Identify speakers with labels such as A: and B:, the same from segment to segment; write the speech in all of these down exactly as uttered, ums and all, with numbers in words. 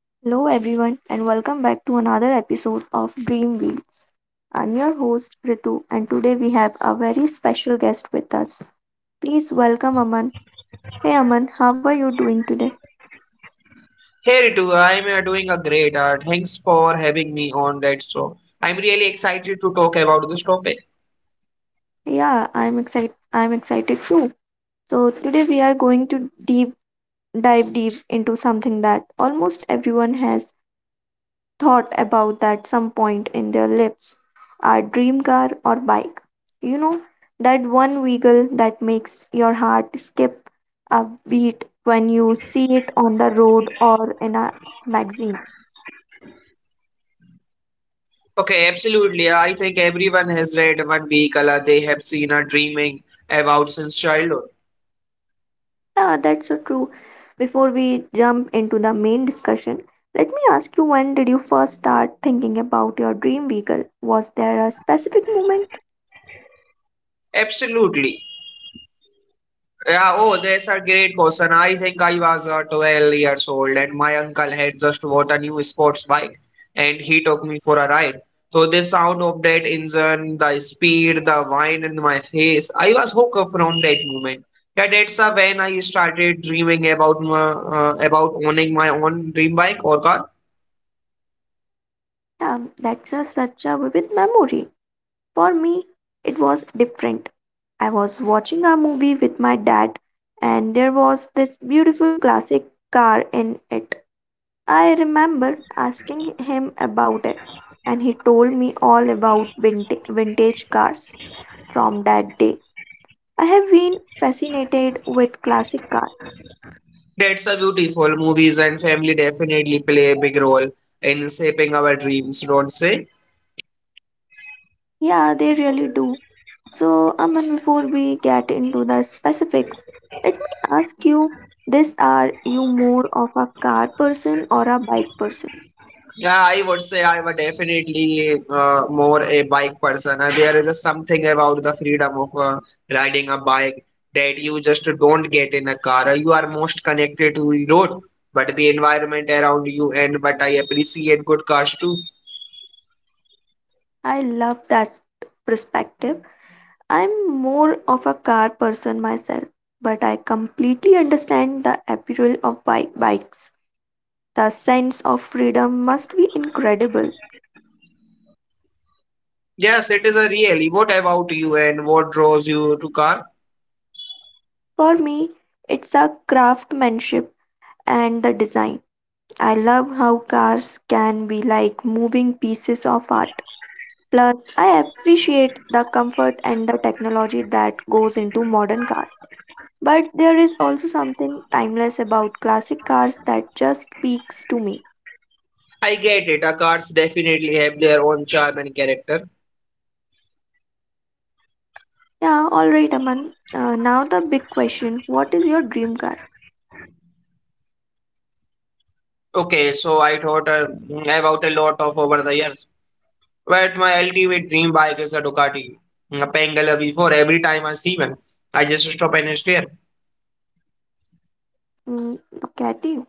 A: Hello, everyone, and welcome back to another episode of Dream Beats. I'm your host Ritu, and today we have a very special guest with us. Please welcome Aman. Hey, Aman, how are you doing today?
B: Hey Ritu, I'm uh, doing a great. Uh, thanks for having me on that show. I'm really excited to talk about this topic.
A: Yeah, I'm excited. I'm excited too. So today we are going to deep dive deep into something that almost everyone has thought about that some point in their lives. Our dream car or bike. You know, that one wiggle that makes your heart skip a beat when you see it on the road or in a magazine.
B: Okay, absolutely. I think everyone has read one vehicle uh, they have seen or dreaming about since childhood.
A: Yeah, that's so true. Before we jump into the main discussion, let me ask you, when did you first start thinking about your dream vehicle? Was there a specific moment?
B: Absolutely. Yeah, oh, that's a great question. I think I was uh, twelve years old and my uncle had just bought a new sports bike and he took me for a ride. So the sound of that engine, the speed, the wind in my face, I was hooked from that moment. Yeah, that's uh, when I started dreaming about my, uh, about owning my own dream bike or car.
A: Yeah, that's a, such a vivid memory. For me, it was different. I was watching a movie with my dad, and there was this beautiful classic car in it. I remember asking him about it, and he told me all about vinta- vintage cars from that day. I have been fascinated with classic cars.
B: That's a beautiful. Movies and family definitely play a big role in shaping our dreams, don't say?
A: Yeah, they really do. So, Aman, before we get into the specifics, let me ask you this: are you more of a car person or a bike person?
B: Yeah, I would say I were definitely uh, more a bike person. Uh, there is a something about the freedom of uh, riding a bike that you just don't get in a car. Uh, You are most connected to the road, but the environment around you and but I appreciate good cars too.
A: I love that perspective. I'm more of a car person myself, but I completely understand the appeal of bike bikes. The sense of freedom must be incredible.
B: Yes, it is a really. What about you and what draws you to car?
A: For me, it's a craftsmanship and the design. I love how cars can be like moving pieces of art. Plus, I appreciate the comfort and the technology that goes into modern cars. But there is also something timeless about classic cars that just speaks to me.
B: I get it. Uh, cars definitely have their own charm and character.
A: Yeah, alright, Aman. Uh, now the big question: what is your dream car?
B: Okay, so I thought uh, about a lot of over the years. But my ultimate dream bike is a Ducati. A Pangalea before every time I see one, I just stop and stare.
A: Mm, Caddy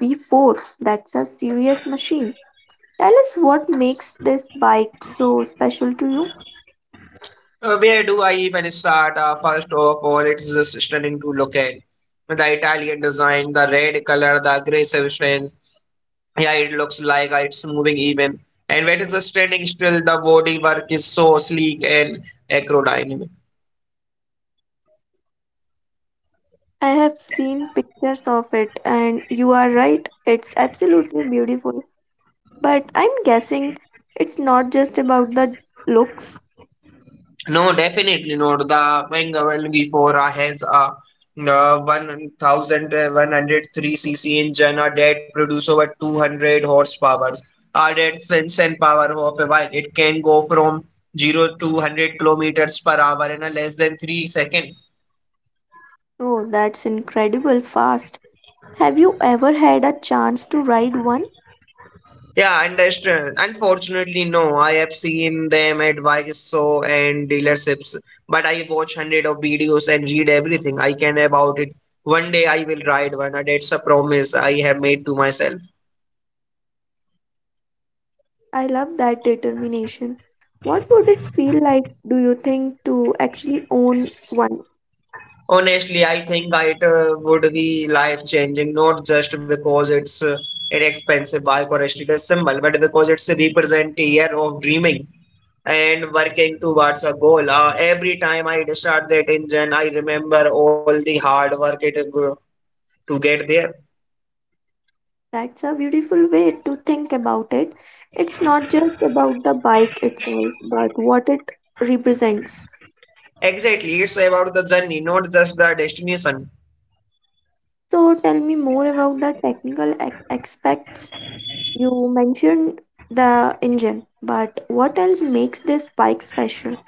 A: V four, that's a serious machine. Tell us what makes this bike so special to you.
B: Uh, where do I even start? Uh, first of all, it's just stunning to look at. The Italian design, the red color, the aggressive strength. Yeah, it looks like uh, it's moving even. And what is the standing still, the bodywork is so sleek and aerodynamic.
A: I have seen pictures of it, and you are right, it's absolutely beautiful. But I'm guessing it's not just about the looks.
B: No, definitely not. The Bengal V four has a uh, one thousand one hundred three cc engine uh, that produce over two hundred horsepower. Uh, that's insane power of a bike. It can go from zero to one hundred kilometers per hour in a less than three seconds.
A: Oh, that's incredible fast. Have you ever had a chance to ride one?
B: Yeah, understand. Unfortunately, no. I have seen them at Vigesso and dealerships, but I watch hundred of videos and read everything I can about it. One day I will ride one. And that's a promise I have made to myself.
A: I love that determination. What would it feel like, do you think, to actually own one?
B: Honestly, I think it uh, would be life-changing, not just because it's uh, an expensive bike or a status symbol, but because it's a represent a year of dreaming and working towards a goal. Uh, every time I start that engine, I remember all the hard work it go- to get there.
A: That's a beautiful way to think about it. It's not just about the bike itself, but what it represents.
B: Exactly, it's about the journey, not just the destination.
A: So tell me more about the technical a- aspects. You mentioned the engine, but what else makes this bike special?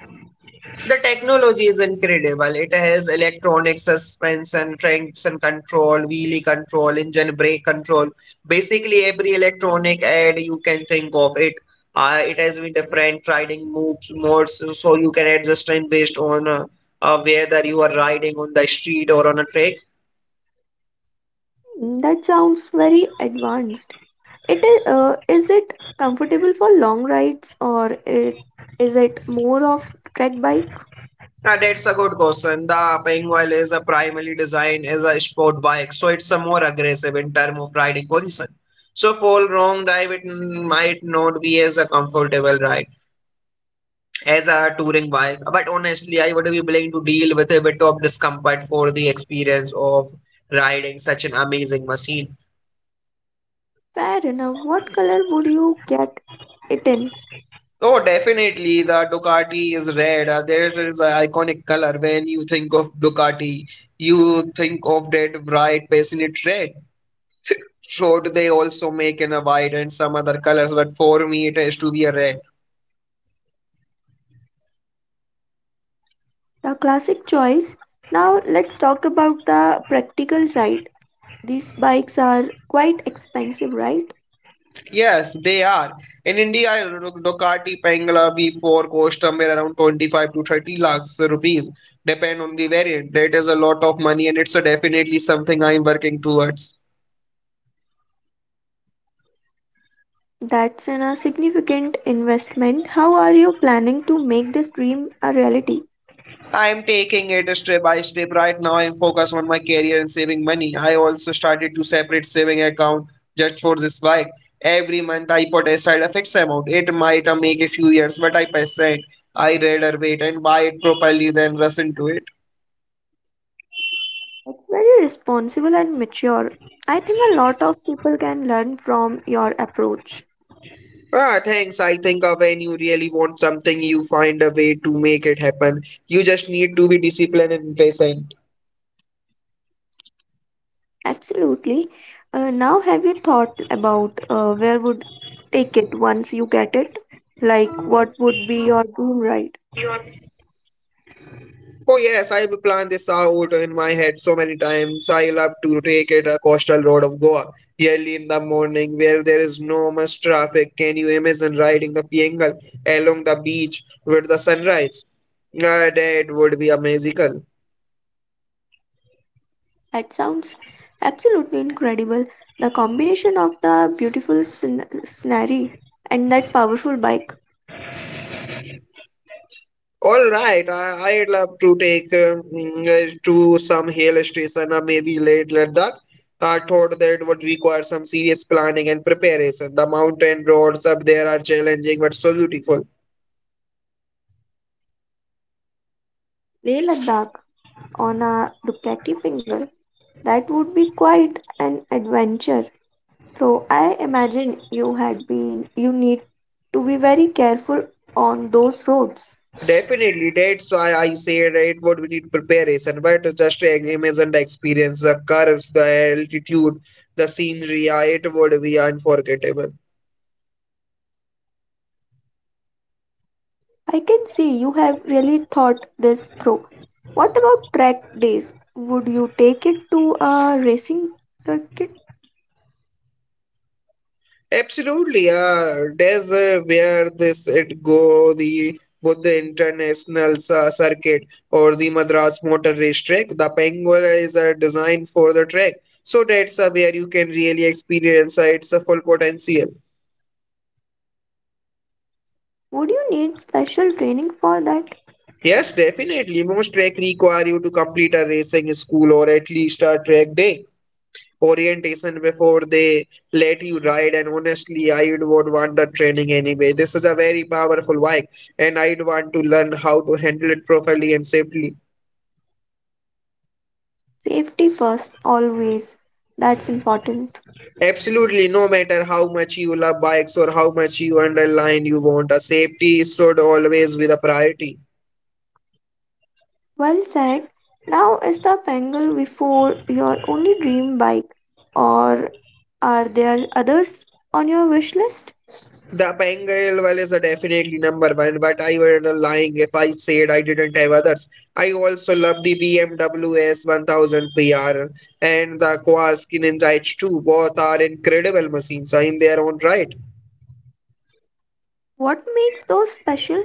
B: The technology is incredible. It has electronic suspension, traction control, wheelie control, engine brake control. Basically, every electronic add you can think of it. Uh, it has been different riding modes, modes, so you can adjust it based on uh, uh, whether you are riding on the street or on a track.
A: Mm, That sounds very advanced. It is, uh, is it comfortable for long rides, or it, is it more of trek bike?
B: Uh, that's a good question. The Penguin is a primarily designed as a sport bike, so it's a more aggressive in terms of riding position. So for long drive, it mm, might not be as a comfortable ride as a touring bike. But honestly, I would be willing to deal with a bit of discomfort for the experience of riding such an amazing machine.
A: Fair enough. What color would you get it in?
B: Oh, definitely, the Ducati is red. Uh, there is an iconic color. When you think of Ducati, you think of that bright, passionate red. Should they also make in a white and some other colors, but for me it has to be a red.
A: The classic choice. Now let's talk about the practical side. These bikes are quite expensive, right?
B: Yes, they are. In India, Duc- Ducati Pangala V four cost somewhere around twenty-five to thirty lakhs rupees, depend on the variant. That is a lot of money and it's a definitely something I'm working towards.
A: That's an, a significant investment. How are you planning to make this dream a reality?
B: I'm taking it step by step. Right now, I'm focused on my career and saving money. I also started to separate saving account just for this bike. Every month, I put aside a fixed amount. It might uh, make a few years, but I percent. I rather wait and buy it properly than rush into it.
A: It's very responsible and mature. I think a lot of people can learn from your approach.
B: Ah, thanks. I think uh, when you really want something, you find a way to make it happen. You just need to be disciplined and patient.
A: Absolutely. Uh, now, have you thought about uh, where would take it once you get it? Like, what would be your dream ride?
B: Your Oh yes, I've planned this out in my head so many times. I love to take it a coastal road of Goa early in the morning where there is no much traffic. Can you imagine riding the Piengal along the beach with the sunrise? Uh, that would be a magical.
A: That sounds absolutely incredible. The combination of the beautiful scen- scenery and that powerful bike.
B: All right, I, I'd love to take uh, mm, uh, to some hill station or maybe late Ladakh. I thought that would require some serious planning and preparation. The mountain roads up there are challenging but so beautiful.
A: Leh Ladakh on a Ducati Pingle. That would be quite an adventure. So I imagine you had been you need to be very careful on those roads.
B: Definitely, that's why I said it would we need preparation, but just uh, imagine the experience, the curves, the altitude, the scenery, uh, it would be unforgettable.
A: I can see you have really thought this through. What about track days? Would you take it to a racing circuit?
B: Absolutely, uh, that's uh, where this it go the both the international uh, circuit or the Madras Motor Race Track. The Penguin is uh, designed for the track, so that's uh, where you can really experience uh, its uh, full potential.
A: Would you need special training for that?
B: Yes, definitely. Most trek require you to complete a racing school or at least a track day orientation before they let you ride. And honestly, I would would want the training anyway. This is a very powerful bike, and I'd want to learn how to handle it properly and safely.
A: Safety first, always. That's important.
B: Absolutely, no matter how much you love bikes or how much you underline you want, a safety should always be the priority.
A: Well said. Now is the Bengal before your only dream bike, or are there others on your wish list?
B: The Bengal well is a definitely number one, but I were lying if I said I didn't have others. I also love the B M W S one thousand P R and the Kawasaki Ninja H two. Both are incredible machines in their own right.
A: What makes those special?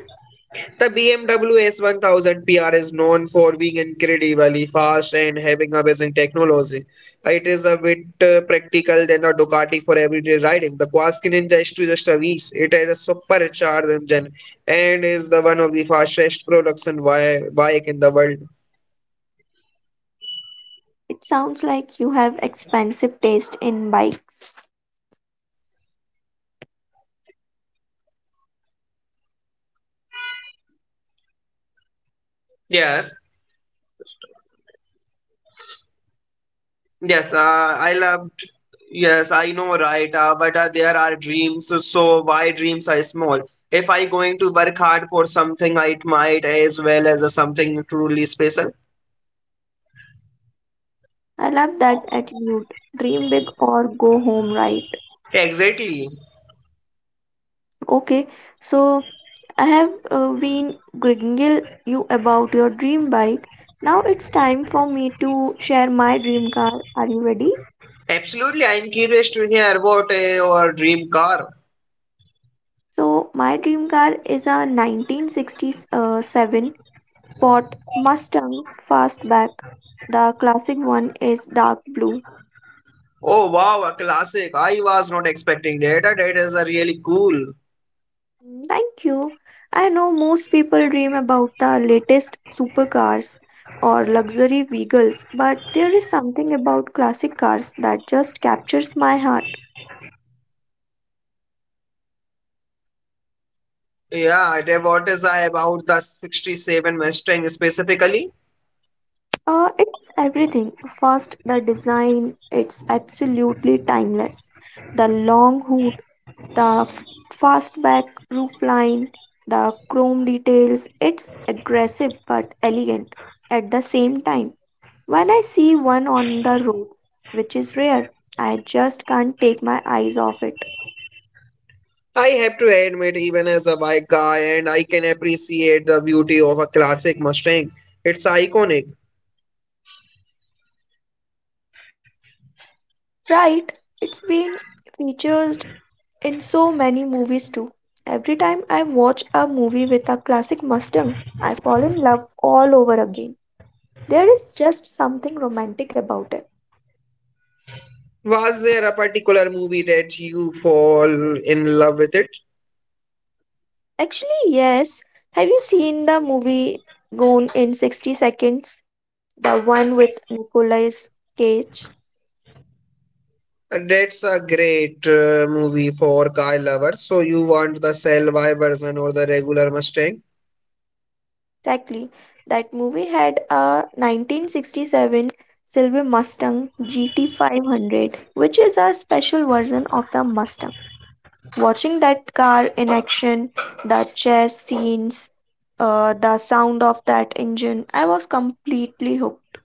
B: The B M W S one thousand P R is known for being incredibly fast and having amazing technology. It is a bit uh, practical than the Ducati for everyday riding. The Quaskin Ninja is to just a beast. It has a supercharged engine and is the one of the fastest production wi- bike in the world.
A: It sounds like you have expensive taste in bikes.
B: Yes, Yes, uh, I loved. Yes, I know, right? Uh, but uh, there are dreams, so so why dreams are small? If I going to work hard for something, I it might as well as a something truly special.
A: I love that attitude. Dream big or go home, right?
B: Exactly.
A: Okay, so I have uh, been gringing you about your dream bike. Now it's time for me to share my dream car. Are you ready?
B: Absolutely. I'm curious to hear what uh, your dream car.
A: So my dream car is a nineteen sixty-seven Ford Mustang Fastback. The classic one is dark blue.
B: Oh wow, a classic. I was not expecting that. Uh, That is uh, really cool.
A: Thank you. I know most people dream about the latest supercars or luxury vehicles, but there is something about classic cars that just captures my heart.
B: Yeah, that what is uh, about the sixty-seven Mustang specifically?
A: Uh, it's everything. First, the design, it's absolutely timeless. The long hood, the f- fastback roofline, the chrome details. It's aggressive but elegant at the same time. When I see one on the road, which is rare, I just can't take my eyes off it.
B: I have to admit, even as a bike guy, and I can appreciate the beauty of a classic Mustang. It's iconic.
A: Right, it's been featured in so many movies too. Every time I watch a movie with a classic Mustang, I fall in love all over again. There is just something romantic about it.
B: Was there a particular movie that you fall in love with it?
A: Actually, yes. Have you seen the movie Gone in sixty Seconds? The one with Nicolas Cage?
B: That's a great uh, movie for car lovers. So you want the Cell Y version or the regular Mustang?
A: Exactly. That movie had a nineteen sixty-seven silver Mustang G T five hundred, which is a special version of the Mustang. Watching that car in action, the chase scenes, uh, the sound of that engine, I was completely hooked.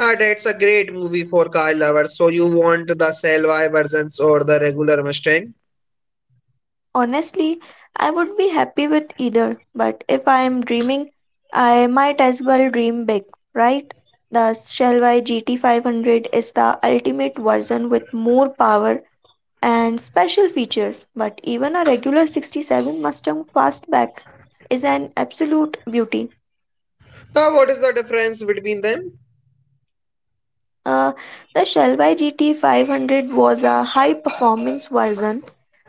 B: Ah, that's a great movie for car lovers. So you want the Cell Y versions or the regular Mustang?
A: Honestly, I would be happy with either, but if I am dreaming, I might as well dream big, right? The Shelby G T five hundred is the ultimate version with more power and special features, but even a regular sixty-seven Mustang Fastback is an absolute beauty.
B: Ah, what is the difference between them?
A: Uh, the Shelby G T five hundred was a high performance version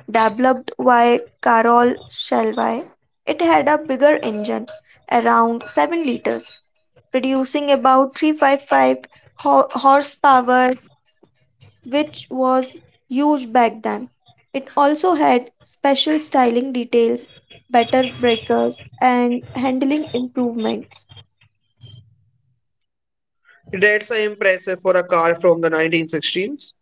A: developed by Carol Shelby. It had a bigger engine, around seven liters, producing about three hundred fifty-five ho- horsepower, which was huge back then. It also had special styling details, better breakers, and handling improvements.
B: That's uh, impressive for a car from the nineteen sixteens.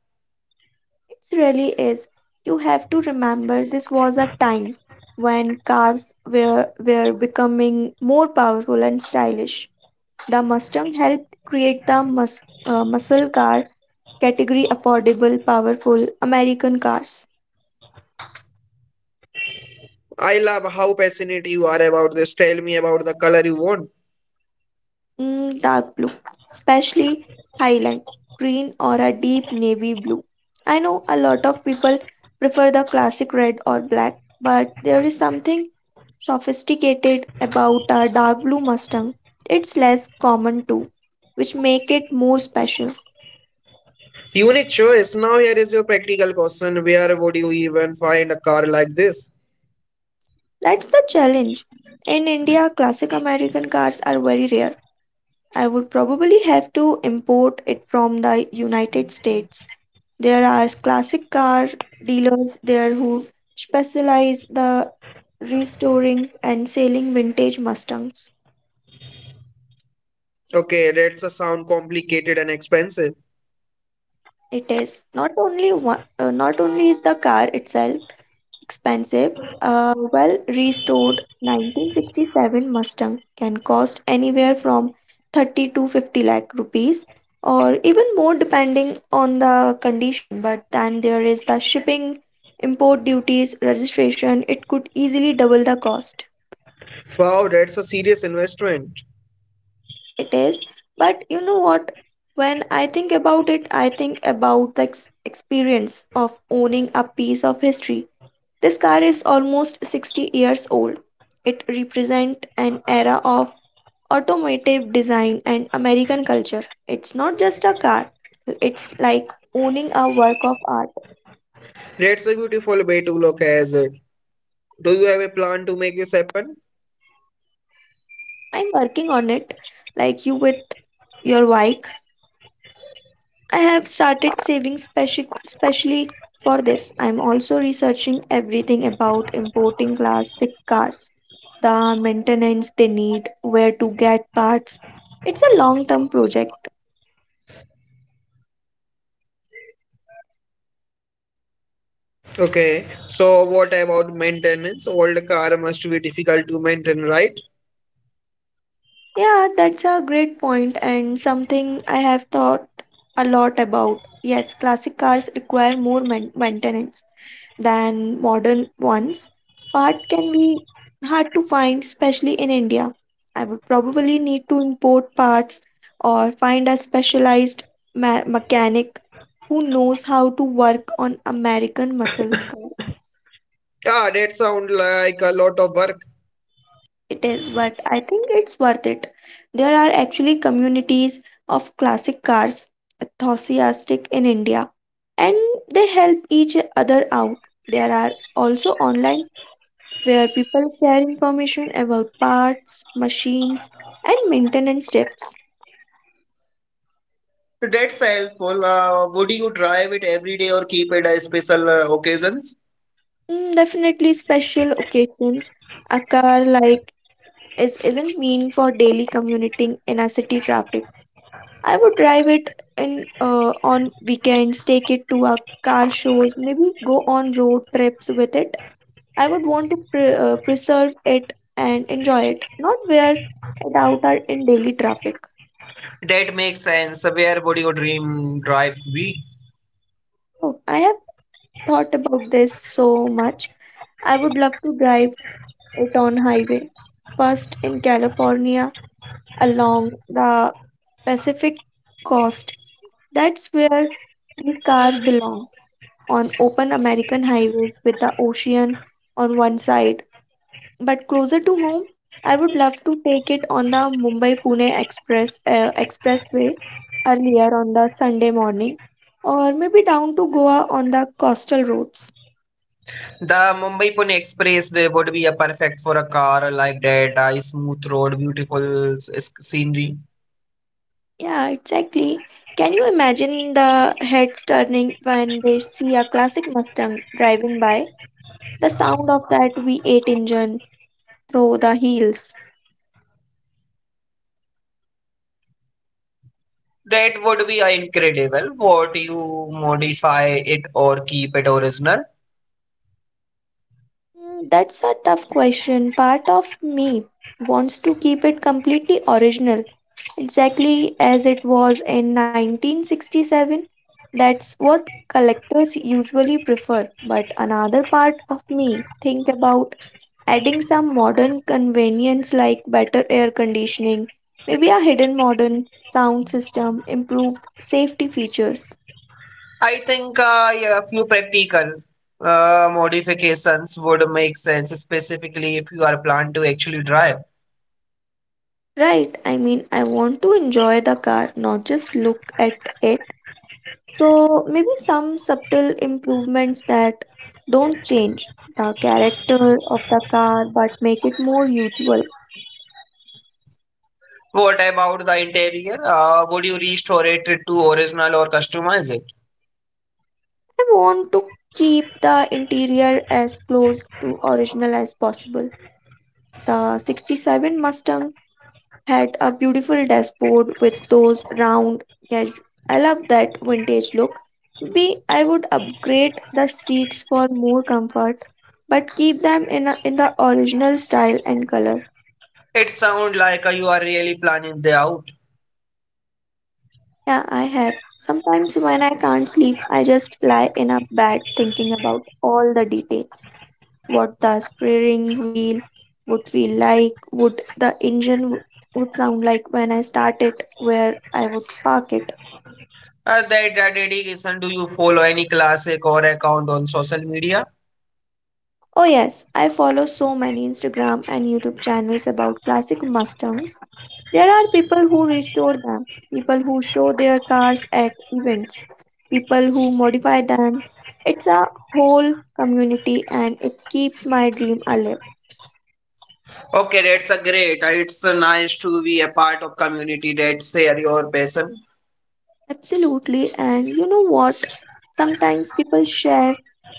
A: It really is. You have to remember, this was a time when cars were, were becoming more powerful and stylish. The Mustang helped create the mus- uh, muscle car category: affordable, powerful American cars.
B: I love how passionate you are about this. Tell me about the color you want.
A: Mm, dark blue, especially highland green or a deep navy blue. I know a lot of people prefer the classic red or black, but there is something sophisticated about a dark blue Mustang. It's less common too, which make it more special.
B: Unique choice. Now here is your practical question. Where would you even find a car like this?
A: That's the challenge. In India, classic American cars are very rare. I would probably have to import it from the United States. There are classic car dealers there who specialize the restoring and selling vintage Mustangs.
B: Okay, that's a sound complicated and expensive.
A: It is not only one, uh, not only is the car itself expensive, a well restored nineteen sixty-seven Mustang can cost anywhere from thirty to fifty lakh rupees or even more depending on the condition. But then there is the shipping, import duties, registration. It could easily double the cost.
B: Wow, that's a serious investment.
A: It is. But you know what, when I think about it, I think about the ex- experience of owning a piece of history. This car is almost sixty years old. It represents an era of automotive design and American culture. It's not just a car, it's like owning a work of art.
B: That's a beautiful way to look at it. Do you have a plan to make this happen?
A: I'm working on it. Like you with your bike, I have started saving speci- specially for this. I'm also researching everything about importing classic cars, the maintenance they need, where to get parts. It's a long term project.
B: Okay, so what about maintenance? Old car must be difficult to maintain, right?
A: Yeah, that's a great point, and something I have thought a lot about. Yes, classic cars require more man- maintenance than modern ones. Part can be hard to find, especially in India. I would probably need to import parts or find a specialized ma- mechanic who knows how to work on American muscles car.
B: Ah, that sounds like a lot of work.
A: It is, but I think it's worth it. There are actually communities of classic cars enthusiastic in India, and they help each other out. There are also online where people share information about parts, machines, and maintenance tips.
B: That's helpful. Uh, would you drive it every day or keep it as special uh, occasions?
A: Mm, definitely special occasions. A car like is isn't mean for daily commuting in a city traffic. I would drive it in uh, on weekends, take it to a car shows, maybe go on road trips with it. I would want to pre- uh, preserve it and enjoy it, not wear it out or in daily traffic.
B: That makes sense. Where would your dream drive be?
A: Oh, I have thought about this so much. I would love to drive it on highway. First in California along the Pacific coast. That's where these cars belong, on open American highways with the ocean on one side. But closer to home, I would love to take it on the Mumbai Pune Express uh, Expressway earlier on the Sunday morning, or maybe down to Goa on the coastal roads.
B: The Mumbai Pune Expressway would be a perfect for a car like that. A smooth road, beautiful s- scenery.
A: Yeah, exactly. Can you imagine the heads turning when they see a classic Mustang driving by? The sound of that V eight engine through the heels.
B: That would be uh, incredible. What you modify it or keep it original?
A: Mm, That's a tough question. Part of me wants to keep it completely original, exactly as it was in nineteen sixty-seven. That's what collectors usually prefer. But another part of me think about adding some modern convenience like better air conditioning, maybe a hidden modern sound system, improved safety features.
B: I think uh, yeah, a few practical uh, modifications would make sense, specifically if you are planned to actually drive.
A: Right, I mean, I want to enjoy the car, not just look at it. So, maybe some subtle improvements that don't change the character of the car but make it more usable.
B: What about the interior? Uh, would you restore it to original or customize it?
A: I want to keep the interior as close to original as possible. The sixty-seven Mustang had a beautiful dashboard with those round casu- I love that vintage look. B I would upgrade the seats for more comfort but keep them in a, in the original style and color.
B: It sounds like uh, you are really planning the out.
A: Yeah, I have. Sometimes when I can't sleep, I just lie in a bed thinking about all the details. What the steering wheel would feel like, would the engine w- would sound like when I start it, where I would park it.
B: Uh, that, that dedication, do you follow any classic or account on social media?
A: Oh, yes, I follow so many Instagram and YouTube channels about classic Mustangs. There are people who restore them, people who show their cars at events, people who modify them. It's a whole community and it keeps my dream alive.
B: Okay, that's a great. uh, It's uh, nice to be a part of community that share your passion.
A: Absolutely, and you know what? Sometimes people share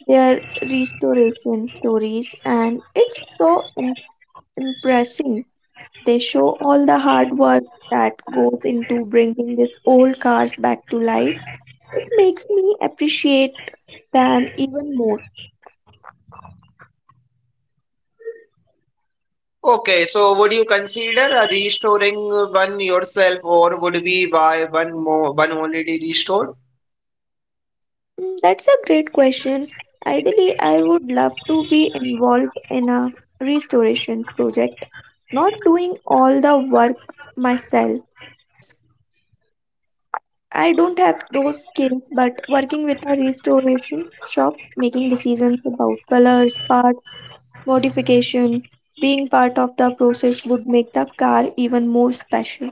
A: their restoration stories, and it's so im- impressive. They show all the hard work that goes into bringing these old cars back to life. It makes me appreciate them even more.
B: Okay, so would you consider uh, restoring one yourself, or would be buy one more, one already restored?
A: Mm, that's a great question. Ideally, I would love to be involved in a restoration project, not doing all the work myself. I don't have those skills, but working with a restoration shop, making decisions about colors, parts, modification, being part of the process would make the car even more special.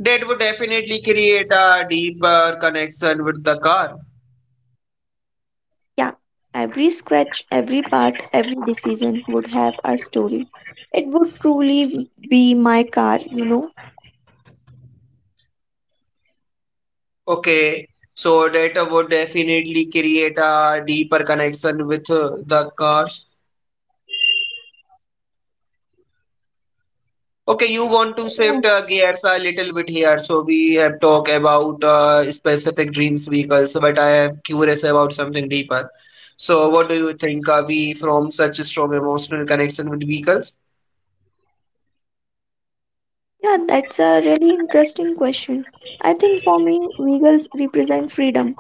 B: That would definitely create a deeper connection with the car.
A: Yeah, every scratch, every part, every decision would have a story. It would truly be my car, you know.
B: Okay, so that would definitely create a deeper connection with uh, the cars. Okay, you want to
A: Yeah,
B: shift uh, gears a little bit here. So we have talked about uh, specific dreams vehicles, but I am curious about something deeper. So what do you think are we from such a strong emotional connection with vehicles?
A: yeah, that's a really interesting question. I think for me, vehicles represent freedom.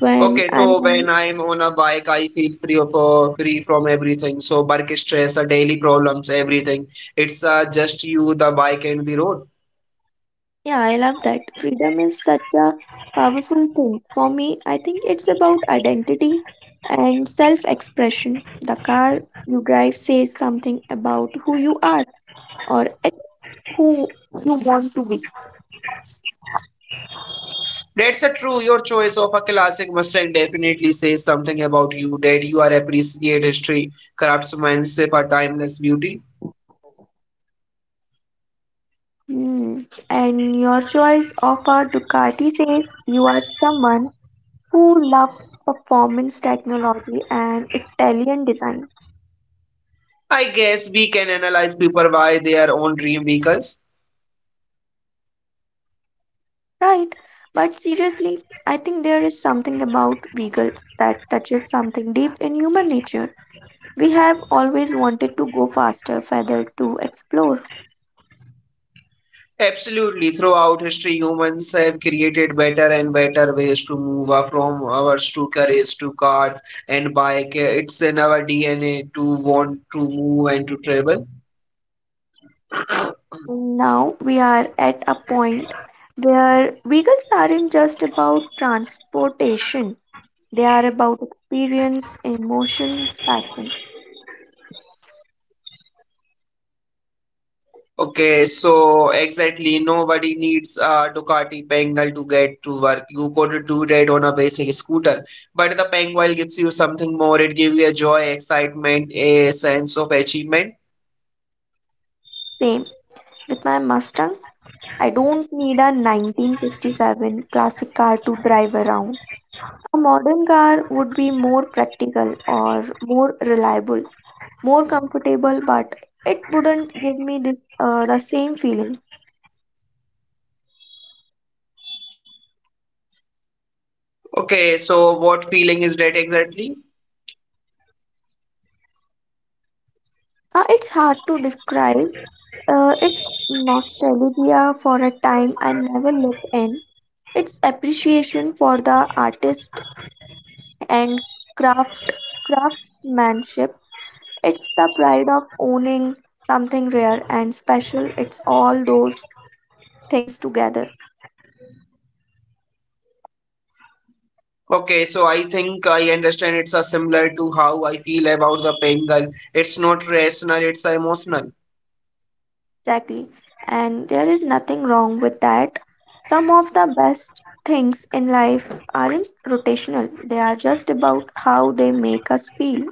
A: When
B: Okay,
A: I'm
B: so when
A: on.
B: I'm on a bike, I feel free of uh, free from everything. So work stress, uh, daily problems, everything. It's uh, just you, the bike, and the road.
A: Yeah, I love that. Freedom is such a powerful thing. For me, I think it's about identity and self expression. The car you drive says something about who you are or at who you want to be.
B: That's a true. Your choice of a classic Mustang definitely says something about you that you are appreciate history, craftsmanship, or timeless beauty.
A: Hmm. And your choice of a Ducati says you are someone who loves performance technology and Italian design.
B: I guess we can analyze people why they are own dream vehicles.
A: Right. But seriously, I think there is something about vehicles that touches something deep in human nature. We have always wanted to go faster, further to explore.
B: Absolutely, throughout history, humans have created better and better ways to move uh, from ours to cars to cars and bike. It's in our D N A to want to move and to travel.
A: And now we are at a point where vehicles aren't just about transportation, they are about experience, emotion, passion.
B: Okay, so exactly, nobody needs a Ducati Pengal to get to work. You could do that on a basic scooter, but the Penguin gives you something more. It gives you a joy, excitement, a sense of achievement.
A: Same with my Mustang. I don't need a nineteen sixty-seven classic car to drive around. A modern car would be more practical or more reliable, more comfortable, but it wouldn't give me this, uh, the same feeling.
B: Okay, so what feeling is that exactly?
A: Uh, it's hard to describe. Uh, it's nostalgia for a time I never lived in. It's appreciation for the artist and craft craftsmanship. It's the pride of owning something rare and special. It's all those things together.
B: Okay, so I think I understand it's a similar to how I feel about the Pengal. It's not rational, it's emotional.
A: Exactly. And there is nothing wrong with that. Some of the best things in life aren't rotational, they are just about how they make us feel.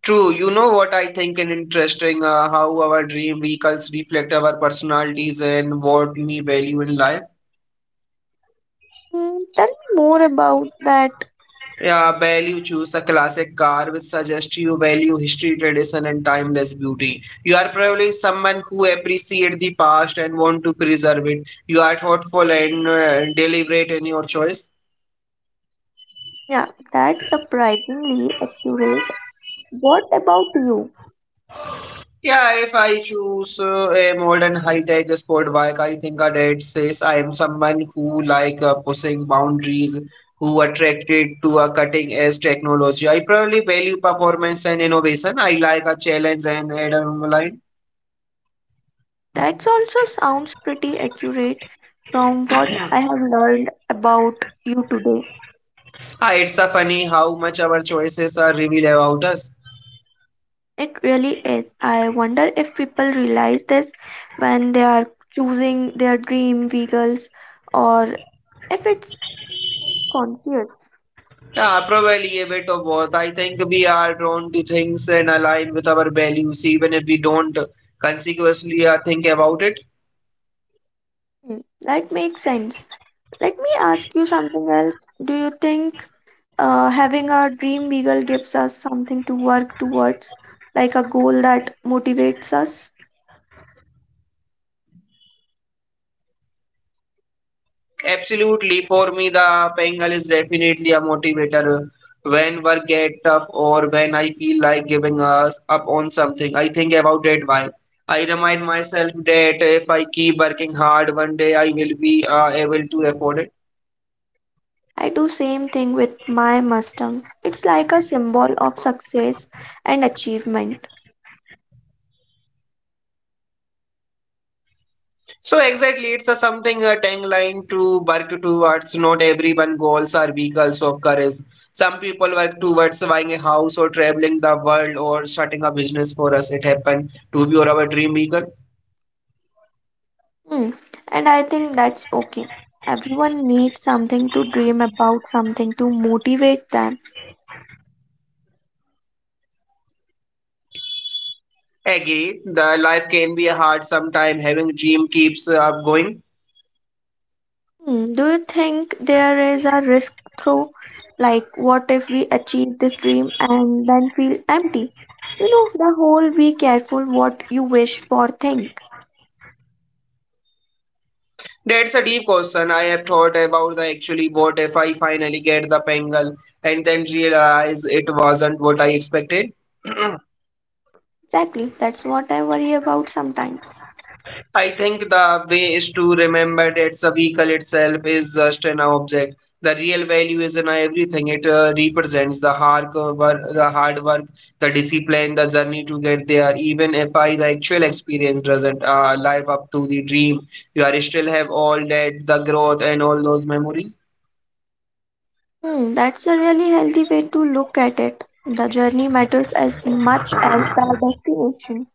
B: True, you know what I think is interesting uh, how our dream vehicles reflect our personalities and what we value in life.
A: Mm, tell me more about that.
B: Yeah, value choose a classic car which suggests you value history, tradition, and timeless beauty. You are probably someone who appreciates the past and want to preserve it. You are thoughtful and uh, deliberate in your choice.
A: Yeah, that's surprisingly accurate. What about you?
B: Yeah, if I choose uh, a modern high-tech sport bike, I think that it says I am someone who like uh, pushing boundaries, who attracted to a cutting-edge technology. I probably value performance and innovation. I like a challenge and adrenaline.
A: That also sounds pretty accurate from what I have learned about you today.
B: Ah, it's a funny how much our choices are revealed about us.
A: It really is. I wonder if people realize this when they are choosing their dream vehicles or if it's conscious.
B: Yeah, probably a bit of both. I think we are drawn to things and align with our values, even if we don't consequently uh, think about it.
A: Hmm, that makes sense. Let me ask you something else. Do you think uh, having a dream vehicle gives us something to work towards, like a goal that motivates us?
B: Absolutely. For me, the Bengal is definitely a motivator. When work get tough or when I feel like giving us up on something, I think about it why. I remind myself that if I keep working hard, one day I will be uh, able to afford it.
A: I do same thing with my Mustang. It's like a symbol of success and achievement.
B: So exactly, it's a something a tagline to work towards. Not everyone goals are vehicles of courage. Some people work towards buying a house or traveling the world or starting a business for us. It happened to be our dream vehicle.
A: Hmm. And I think that's okay. Everyone needs something to dream about, something to motivate them.
B: Agree, the life can be hard sometimes. Having dream keeps up going.
A: Hmm. Do you think there is a risk through? Like, what if we achieve this dream and then feel empty? You know, the whole be careful what you wish for thing.
B: That's a deep question. I have thought about the actually what if I finally get the Pengal and then realize it wasn't what I expected.
A: Exactly, that's what I worry about sometimes.
B: I think the way is to remember that the vehicle itself is just an object. The real value is in everything it uh, represents the hard work, the hard work, the discipline, the journey to get there. Even if I the actual experience doesn't uh, live up to the dream, you are still have all that the growth and all those memories.
A: Hmm, that's a really healthy way to look at it. The journey matters as much as the destination.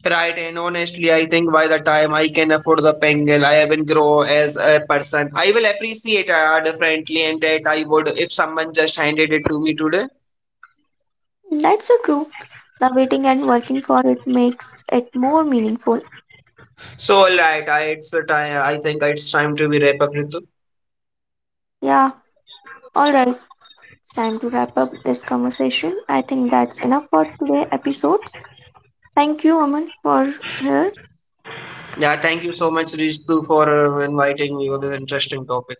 B: Right, and honestly, I think by the time I can afford the Pengal, I will grow as a person. I will appreciate uh, differently, and that I would if someone just handed it to me today.
A: That's so true. The waiting and working for it makes it more meaningful.
B: So, all right, I, it's a time. I think it's time to be wrap up, Ritu.
A: Yeah, all right. It's time to wrap up this conversation. I think that's enough for today episodes. Thank you, Aman, for here.
B: Yeah, thank you so much, Ritu, for uh, inviting me on this interesting topic.